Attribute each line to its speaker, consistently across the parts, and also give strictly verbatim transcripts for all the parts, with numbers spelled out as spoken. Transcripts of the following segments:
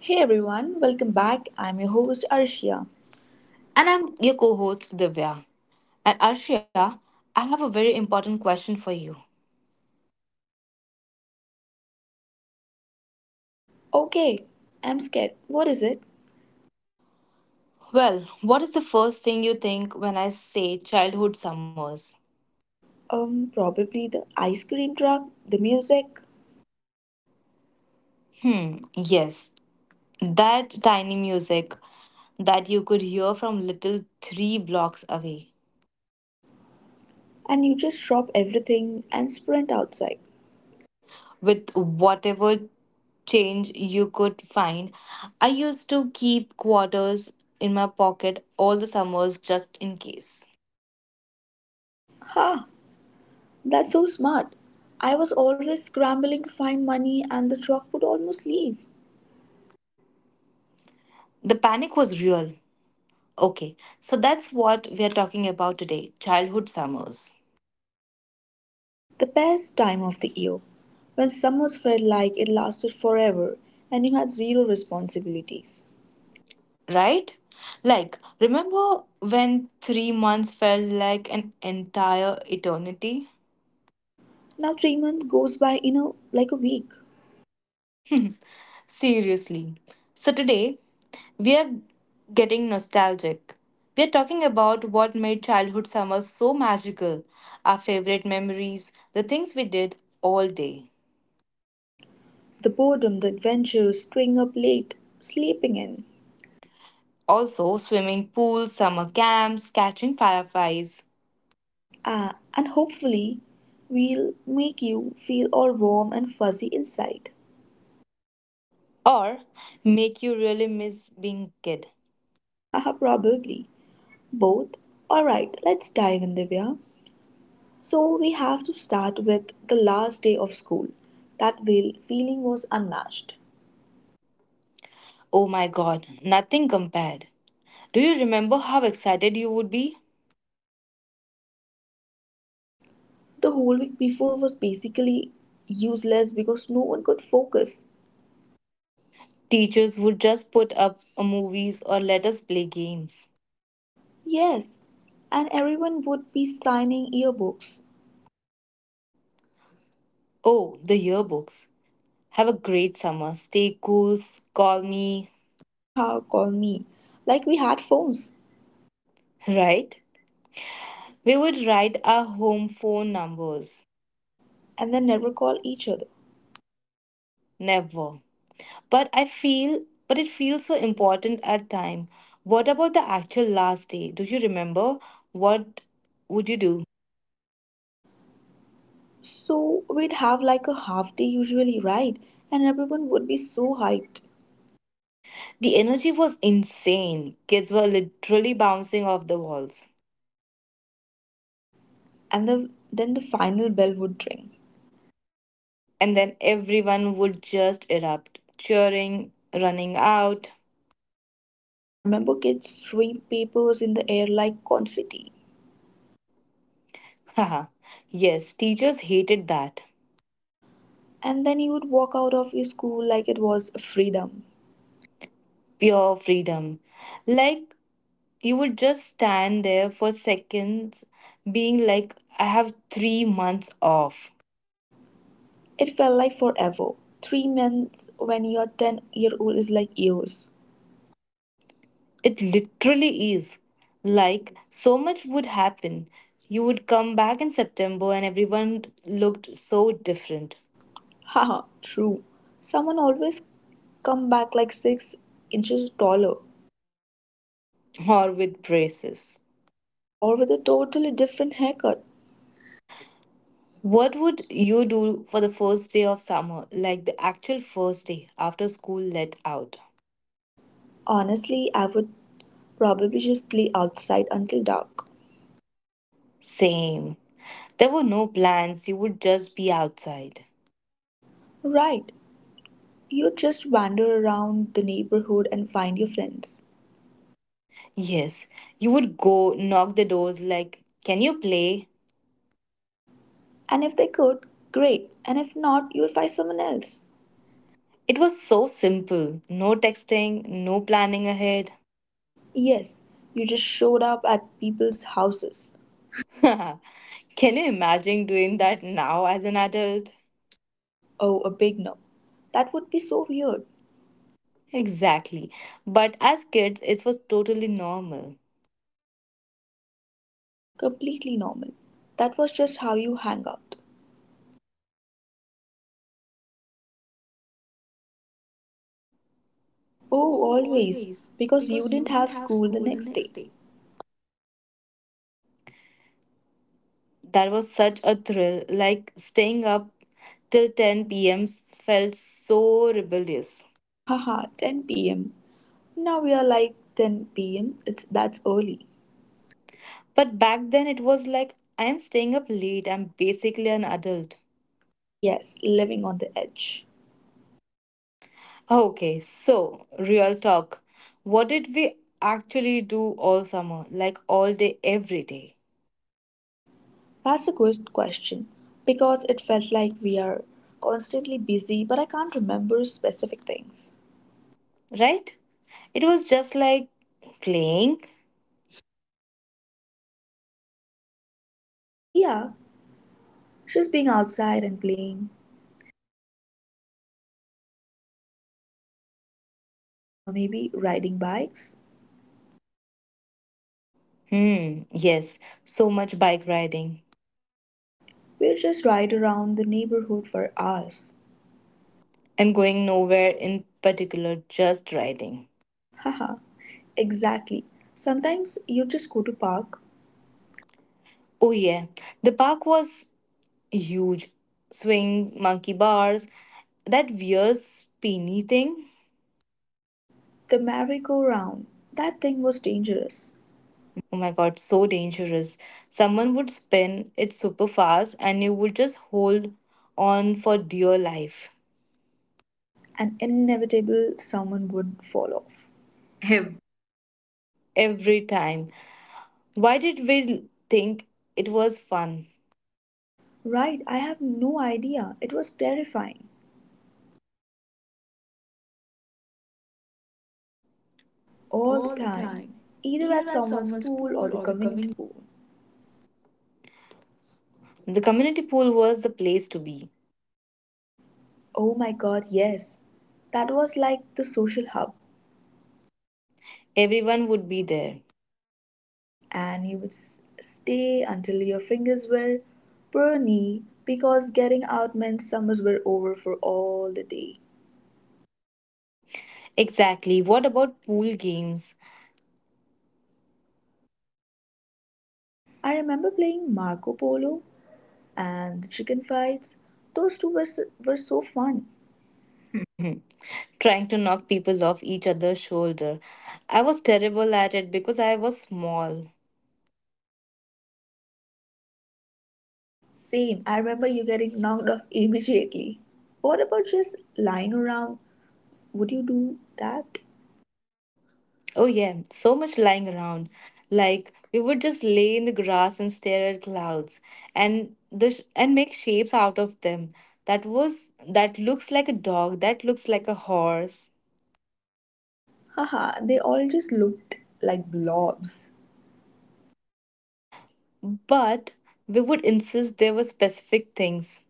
Speaker 1: Hey everyone, welcome back. I'm your host Arshia.
Speaker 2: And
Speaker 1: And I'm
Speaker 2: I'm your co host, Divya. And Arshia, I have a very important question for you.
Speaker 1: okay. I'm scared. What is it?
Speaker 2: Well, what is the first thing you think when I say childhood summers?
Speaker 1: Um, probably the ice cream truck, the music,
Speaker 2: Hmm, yes, that tiny music that you could hear from little three blocks away.
Speaker 1: and you just drop everything and sprint outside.
Speaker 2: With whatever change you could find, I used to keep quarters in my pocket all the summers just in case.
Speaker 1: Ha! That's so smart. I was always scrambling to find money, and the truck would almost leave.
Speaker 2: The panic was real. Okay, so that's what we are talking about today childhood summers,
Speaker 1: The best time of the year, when summers felt like it lasted forever and you had zero responsibilities.
Speaker 2: right? Like, remember when three months felt like an entire eternity?
Speaker 1: Now, three months goes by in a, like a week.
Speaker 2: Seriously. So, today we are getting nostalgic. We are talking about what made childhood summers so magical, our favorite memories, the things we did all day.
Speaker 1: The boredom the adventures, staying up late sleeping in,
Speaker 2: Also, swimming pools, summer camps, catching fireflies,
Speaker 1: uh, and hopefully we'll make you feel all warm and fuzzy inside.
Speaker 2: or make you really miss being kid.
Speaker 1: Haha, probably. Both? Alright, let's dive in, Divya. So, we have to start with the last day of school. That will feeling was unmatched.
Speaker 2: Oh my god, nothing compared. Do you remember how excited you would be?
Speaker 1: The whole week before was basically useless because no one could focus.
Speaker 2: Teachers would just put up movies or let us play games.
Speaker 1: Yes, and everyone would be signing yearbooks.
Speaker 2: Oh, the yearbooks. Have a great summer. Stay cool. Call me.
Speaker 1: Haha, call me, like we had phones,
Speaker 2: Right? We would write our home phone numbers.
Speaker 1: and then never call each other.
Speaker 2: Never. But I feel, but it feels so important at time. What about the actual last day? Do you remember? What would you do?
Speaker 1: So we'd have like a half day usually, right, and everyone would be so hyped,
Speaker 2: The energy was insane. Kids were literally bouncing off the walls.
Speaker 1: and the, then the final bell would ring.
Speaker 2: And then everyone would just erupt, cheering, running out.
Speaker 1: I remember kids throwing papers in the air like confetti,
Speaker 2: Haha, yes, teachers hated that.
Speaker 1: and then you would walk out of your school like it was freedom.
Speaker 2: Pure freedom. Like you would just stand there for seconds, being like, I have three months off.
Speaker 1: It felt like forever. Three months when you're ten year old is like years.
Speaker 2: It literally is. Like, so much would happen. You would come back in September and everyone looked so different.
Speaker 1: Haha, true. Someone always come back like six inches taller,
Speaker 2: Or with braces.
Speaker 1: or with a totally different haircut.
Speaker 2: What would you do for the first day of summer, like the actual first day after school let out?
Speaker 1: Honestly, I would probably just play outside until dark.
Speaker 2: Same. There were no plans, you would just be outside.
Speaker 1: Right, you just wander around the neighborhood and find your friends.
Speaker 2: Yes, you would go knock the doors like, can you play?
Speaker 1: And if they could, great. And if not, you'll find someone else.
Speaker 2: It was so simple. No texting, no planning ahead.
Speaker 1: Yes, you just showed up at people's houses.
Speaker 2: Can you imagine doing that now as an adult?
Speaker 1: Oh, a big no. That would be so weird.
Speaker 2: Exactly. But as kids, it was totally normal.
Speaker 1: Completely normal. That was just how you hang out. Oh,
Speaker 2: Oh,
Speaker 1: always.
Speaker 2: always.
Speaker 1: Because you
Speaker 2: Because
Speaker 1: didn't
Speaker 2: you didn't
Speaker 1: have
Speaker 2: have
Speaker 1: school the
Speaker 2: school the
Speaker 1: next day.
Speaker 2: next day. That was such a thrill, like staying up till ten p m felt so rebellious.
Speaker 1: Haha, ten p m. Now we're like ten p m, it's that's early.
Speaker 2: But back then it was like, I am staying up late, I'm basically an adult.
Speaker 1: Yes, living on the edge.
Speaker 2: Okay, so real talk. What did we actually do all summer? Like all day, every day,
Speaker 1: That's a good question because it felt like we are constantly busy, but I can't remember specific things.
Speaker 2: right? It was just like playing.
Speaker 1: Yeah, just being outside and playing, uh, maybe riding bikes.
Speaker 2: Hmm, yes, so much bike riding.
Speaker 1: We'll just ride around the neighborhood for hours.
Speaker 2: And going nowhere in particular, just riding.
Speaker 1: Haha, exactly. Sometimes you just go to park.
Speaker 2: Oh, yeah. The park was huge. Swing, monkey bars, that weird spinny thing.
Speaker 1: The merry-go-round, that thing was dangerous.
Speaker 2: Oh my god, so dangerous. Someone would spin it super fast and you would just hold on for dear life
Speaker 1: And inevitable someone would fall off. Him.
Speaker 2: every time. Why did we think it was fun?
Speaker 1: Right, I have no idea. It was terrifying all the
Speaker 2: All the
Speaker 1: time,
Speaker 2: time,
Speaker 1: either at
Speaker 2: either at
Speaker 1: someone's
Speaker 2: someone's
Speaker 1: pool or
Speaker 2: pool
Speaker 1: the
Speaker 2: or the
Speaker 1: community
Speaker 2: community.
Speaker 1: pool.
Speaker 2: The community pool was the place to be.
Speaker 1: Oh my god, yes. That was like the social hub,
Speaker 2: Everyone would be there.
Speaker 1: and you would s- stay until your fingers were burny because getting out meant summers were over for all the day.
Speaker 2: Exactly. What about pool games?
Speaker 1: I remember playing Marco Polo and the chicken fights. Those two were so, were so fun.
Speaker 2: Trying to knock people off each other's shoulder. I was terrible at it because I was small.
Speaker 1: Same, I remember you getting knocked off immediately. What about just lying around? Would you do that?
Speaker 2: Oh, yeah, so much lying around. Like, we would just lay in the grass and stare at clouds and the sh- and make shapes out of them. That was that looks like a dog, that looks like a horse.
Speaker 1: Haha, they all just looked like blobs.
Speaker 2: But we would insist there were specific things.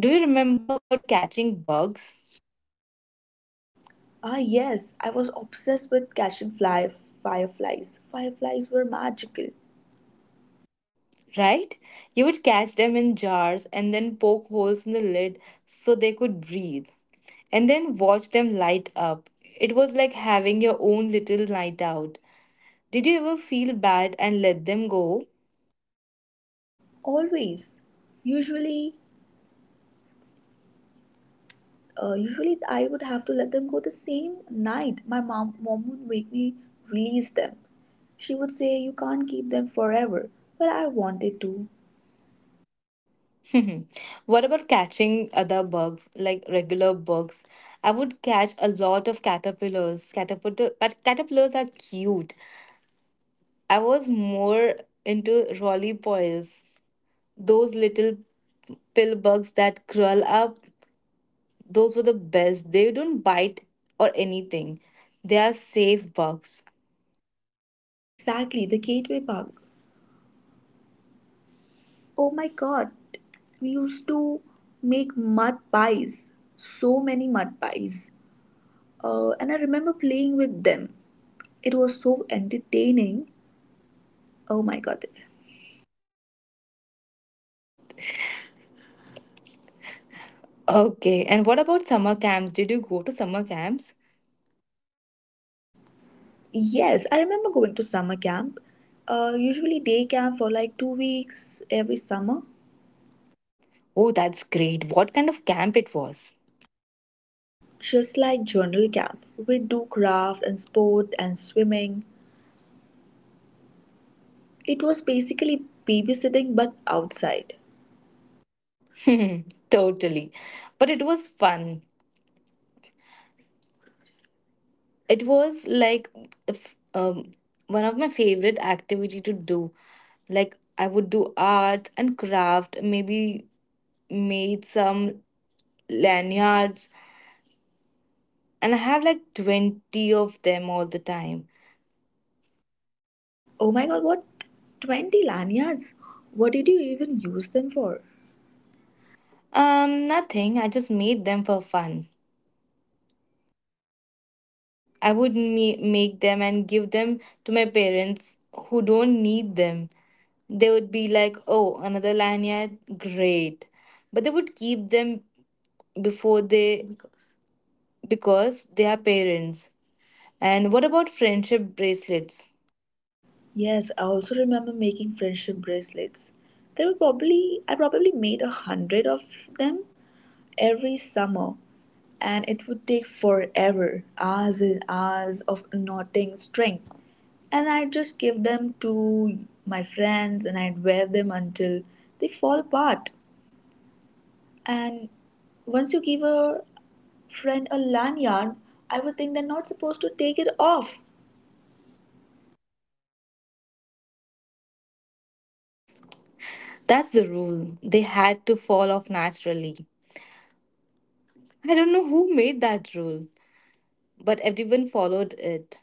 Speaker 2: Do you remember about catching bugs?
Speaker 1: Ah, yes, I was obsessed with catching fly fireflies. Fireflies were magical,
Speaker 2: Right? You would catch them in jars and then poke holes in the lid so they could breathe, and then watch them light up. It was like having your own little night out. Did you ever feel bad and let them go?
Speaker 1: always. Usually, uh, usually I would have to let them go the same night. My mom, mom would make me release them. She would say, "You can't keep them forever," but I wanted to.
Speaker 2: What about catching other bugs, like regular bugs? I would catch a lot of caterpillars. Caterpillar, but caterpillars are cute. I was more into rollipoils, those little pill bugs that curl up. Those were the best. They don't bite or anything. They are safe bugs.
Speaker 1: Exactly, the gateway bug. Oh my god, we used to make mud pies, so many mud pies. Uh, and I remember playing with them. It was so entertaining. Oh my god.
Speaker 2: Okay, and what about summer camps? Did you go to summer camps?
Speaker 1: Yes, I remember going to summer camp. Uh, usually day camp for like two weeks every summer.
Speaker 2: Oh, that's great. What kind of camp it was?
Speaker 1: Just like journal camp, we do craft and sport and swimming. It was basically babysitting but outside.
Speaker 2: Totally. But it was fun. It was like if, um, one of my favorite activity to do. Like I would do art and craft, maybe made some lanyards, and I have like twenty of them all the time.
Speaker 1: Oh my god, what? twenty lanyards? What did you even use them for?
Speaker 2: Um, nothing. I just made them for fun. I would me- make them and give them to my parents who don't need them. They would be like, "Oh, another lanyard, great," but they would keep them before they because they are parents. And what about friendship bracelets?
Speaker 1: Yes, I also remember making friendship bracelets. There were probably, I probably made a hundred of them every summer, and it would take forever hours and hours of knotting string. And I'd just give them to my friends and I'd wear them until they fall apart. And once you give a friend, a lanyard? I would think they're not supposed to take it off.
Speaker 2: That's the rule. They had to fall off naturally. I don't know who made that rule, but everyone followed it.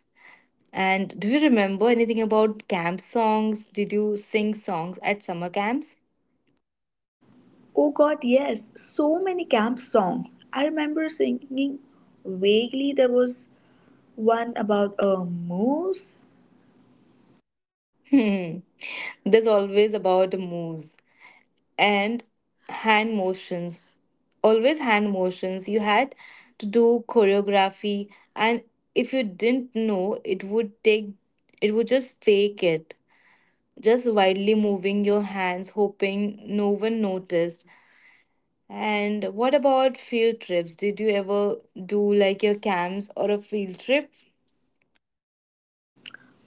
Speaker 2: And do you remember anything about camp songs? Did you sing songs at summer camps?
Speaker 1: Oh god, yes, so many camp songs. I remember singing vaguely there was one about a moose.
Speaker 2: Hmm. There's always about the moves and hand motions. Always hand motions. You had to do choreography, and if you didn't know, it would take, it would just fake it. Just wildly moving your hands, hoping no one noticed. And what about field trips? Did you ever do like your camps or a field trip?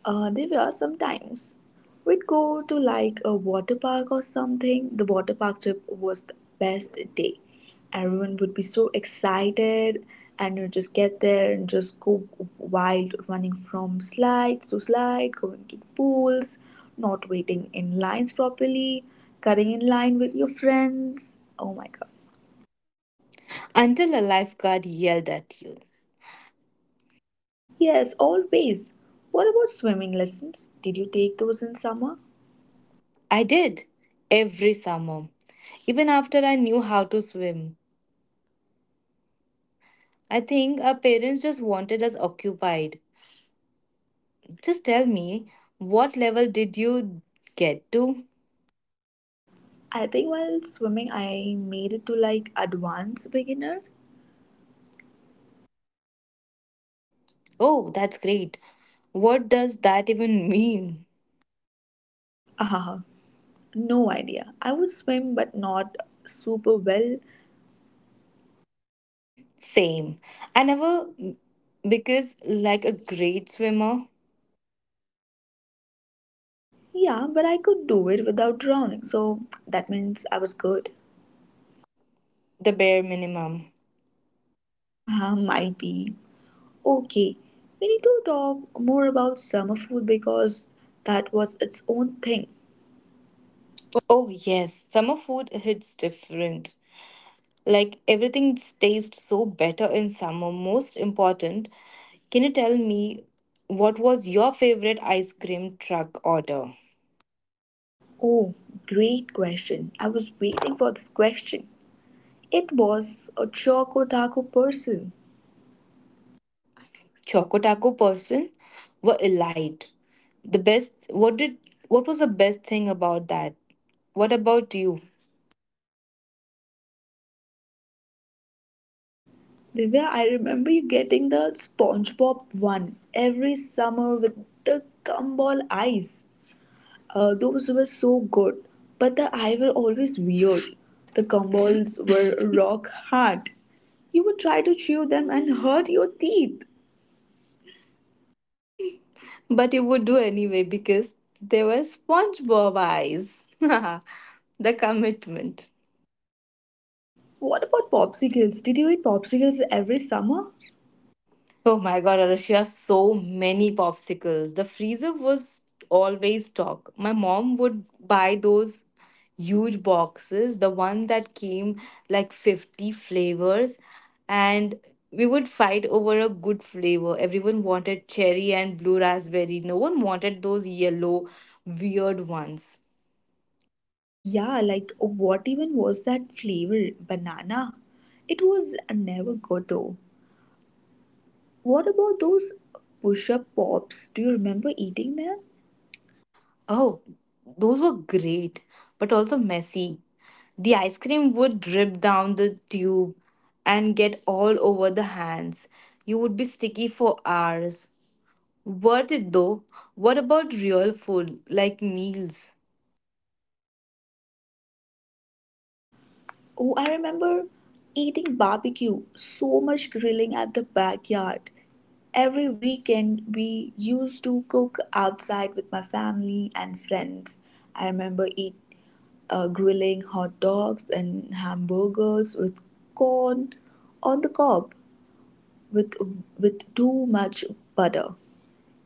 Speaker 1: Uh, there were sometimes we'd go to like a water park or something. The water park trip was the best day. Everyone would be so excited and you just get there and just go wild running from slides to slide, going to the pools, not waiting in lines properly, cutting in line with your friends. Oh my god.
Speaker 2: Until a lifeguard yelled at you.
Speaker 1: Yes, always. What about swimming lessons? Did you take those in summer?
Speaker 2: I did every summer, even after I knew how to swim. I think our parents just wanted us occupied. Just tell me, what level did you get to?
Speaker 1: I think while swimming, I made it to like advanced beginner.
Speaker 2: Oh, that's great. What does that even mean?
Speaker 1: Ah, no idea. I would swim, but not super well.
Speaker 2: Same. I never, because like a great swimmer,
Speaker 1: Yeah, but I could do it without drowning, so that means I was good.
Speaker 2: the bare minimum.
Speaker 1: Ah, might be. Okay, we need to talk more about summer food because that was its own thing.
Speaker 2: Oh, yes, summer food hits different. Like everything tastes so better in summer. Most important, can you tell me what was your favorite ice cream truck order?
Speaker 1: Oh, great question. I was waiting for this question. It was a choco taco person.
Speaker 2: Choco Taco person were elite. The best what did what was the best thing about that? What about you?
Speaker 1: Divya, I remember you getting the SpongeBob one every summer with the gumball eyes. Uh, those were so good, but the eye were always weird. The gumballs were rock hard. You would try to chew them and hurt your teeth.
Speaker 2: But you would do anyway because they were SpongeBob eyes. The commitment.
Speaker 1: What about popsicles? Did you eat popsicles every summer?
Speaker 2: Oh my god, Arushia, so many popsicles. The freezer was always stocked. My mom would buy those huge boxes, the one that came like fifty flavors, and we would fight over a good flavor. Everyone wanted cherry and blue raspberry. No one wanted those yellow, weird ones.
Speaker 1: Yeah, like what even was that flavor? Banana? It was never good though. What about those push up pops? Do you remember eating them?
Speaker 2: Oh, those were great, but also messy. The ice cream would drip down the tube and get all over the hands. You would be sticky for hours. Worth it though. What about real food, like meals?
Speaker 1: Oh, I remember eating barbecue, so much grilling at the backyard. Every weekend, we used to cook outside with my family and friends. I remember eat, uh, grilling hot dogs and hamburgers with corn on the cob with, with too much butter.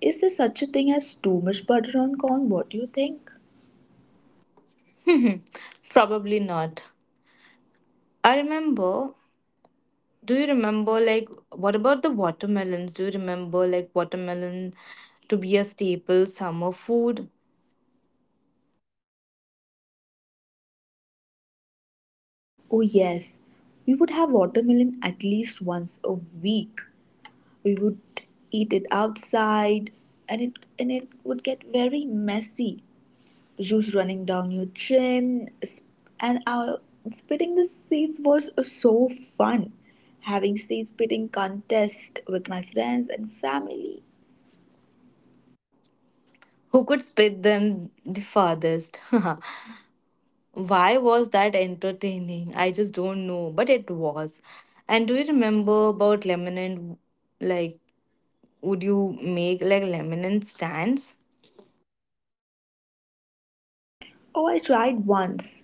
Speaker 1: Is there such a thing as too much butter on corn? What do you think?
Speaker 2: Probably not. I remember. Do you remember, like, what about the watermelons? Do you remember, like, watermelon to be a staple summer food?
Speaker 1: Oh, yes. We would have watermelon at least once a week. We would eat it outside and it and it would get very messy. The juice running down your chin sp- and our spitting the seeds was so fun. Having seed spitting contest with my friends and family.
Speaker 2: Who could spit them the farthest? Why was that entertaining? I just don't know, but it was. And do you remember about lemonade? Like, would you make like lemonade stands?
Speaker 1: Oh, I tried once.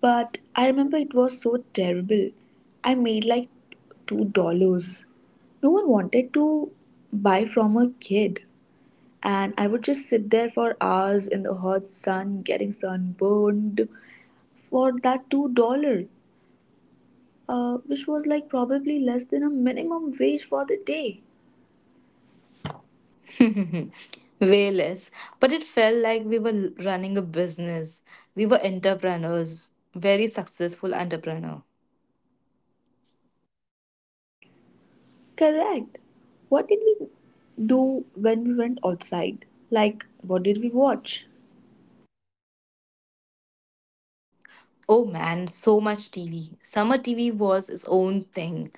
Speaker 1: But I remember it was so terrible. I made like two dollars. No one wanted to buy from a kid. And I would just sit there for hours in the hot sun getting sunburned for that two dollar, uh, which was like probably less than a minimum wage for the day.
Speaker 2: Way less. But it felt like we were l- running a business. We were entrepreneurs, very successful entrepreneur.
Speaker 1: Correct. What did we do when we went outside? Like, what did we watch?
Speaker 2: Oh man, so much T V. Summer T V was its own thing.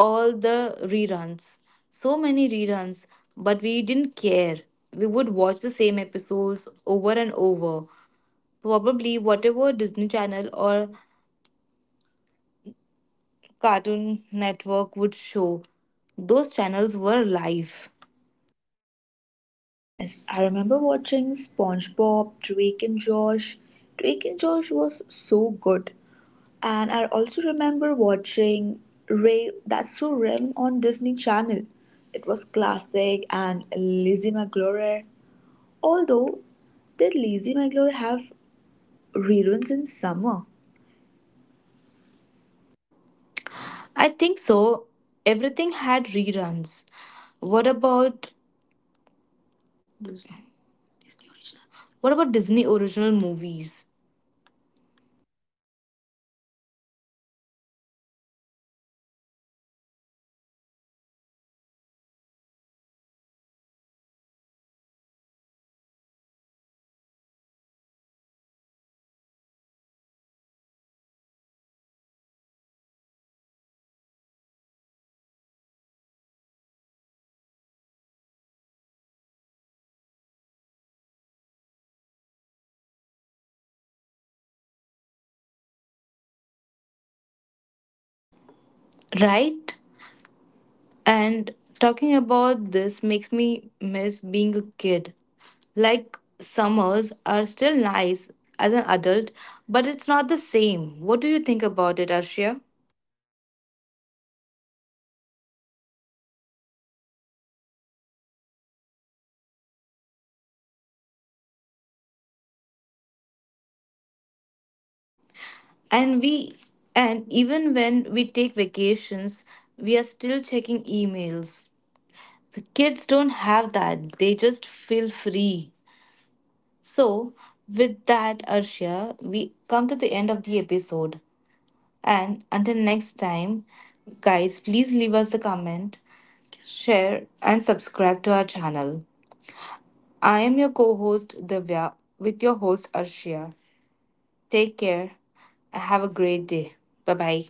Speaker 2: All the reruns. So many reruns, but we didn't care. We would watch the same episodes over and over. Probably whatever Disney Channel or Cartoon Network would show, those channels were live.
Speaker 1: Yes, I remember watching SpongeBob, Drake and Josh. Drake and Josh was so good. And I also remember watching Ray That's So Raven on Disney Channel. It was classic and Lizzie McGuire. Although, did Lizzie McGuire have reruns in summer?
Speaker 2: I think so. Everything had reruns. What about Disney original? What about Disney original movies?
Speaker 1: Oh, those were events, major events. We would just check in advance what movie is going to telecast and on which day we used to set up everything our foods, our drinks with our family and friends and make up the whole room so excited and we would just sit there waiting for the movie to start. It was so fun.
Speaker 2: Right? And talking about this makes me miss being a kid. Like, summers are still nice as an adult, but it's not the same. What do you think about it, Arshia?
Speaker 1: Talking about our childhood makes me super nostalgic. But I don't think so, not even close. We don't get three months off now.
Speaker 2: And we, and even when we take vacations, we are still checking emails. The kids don't have that, they just feel free. So, with that, Arshia, we come to the end of the episode. And until next time, guys, please leave us a comment, share, and subscribe to our channel. I am your co host Divya with your host Arshia. Take care. Have a great day. Bye bye.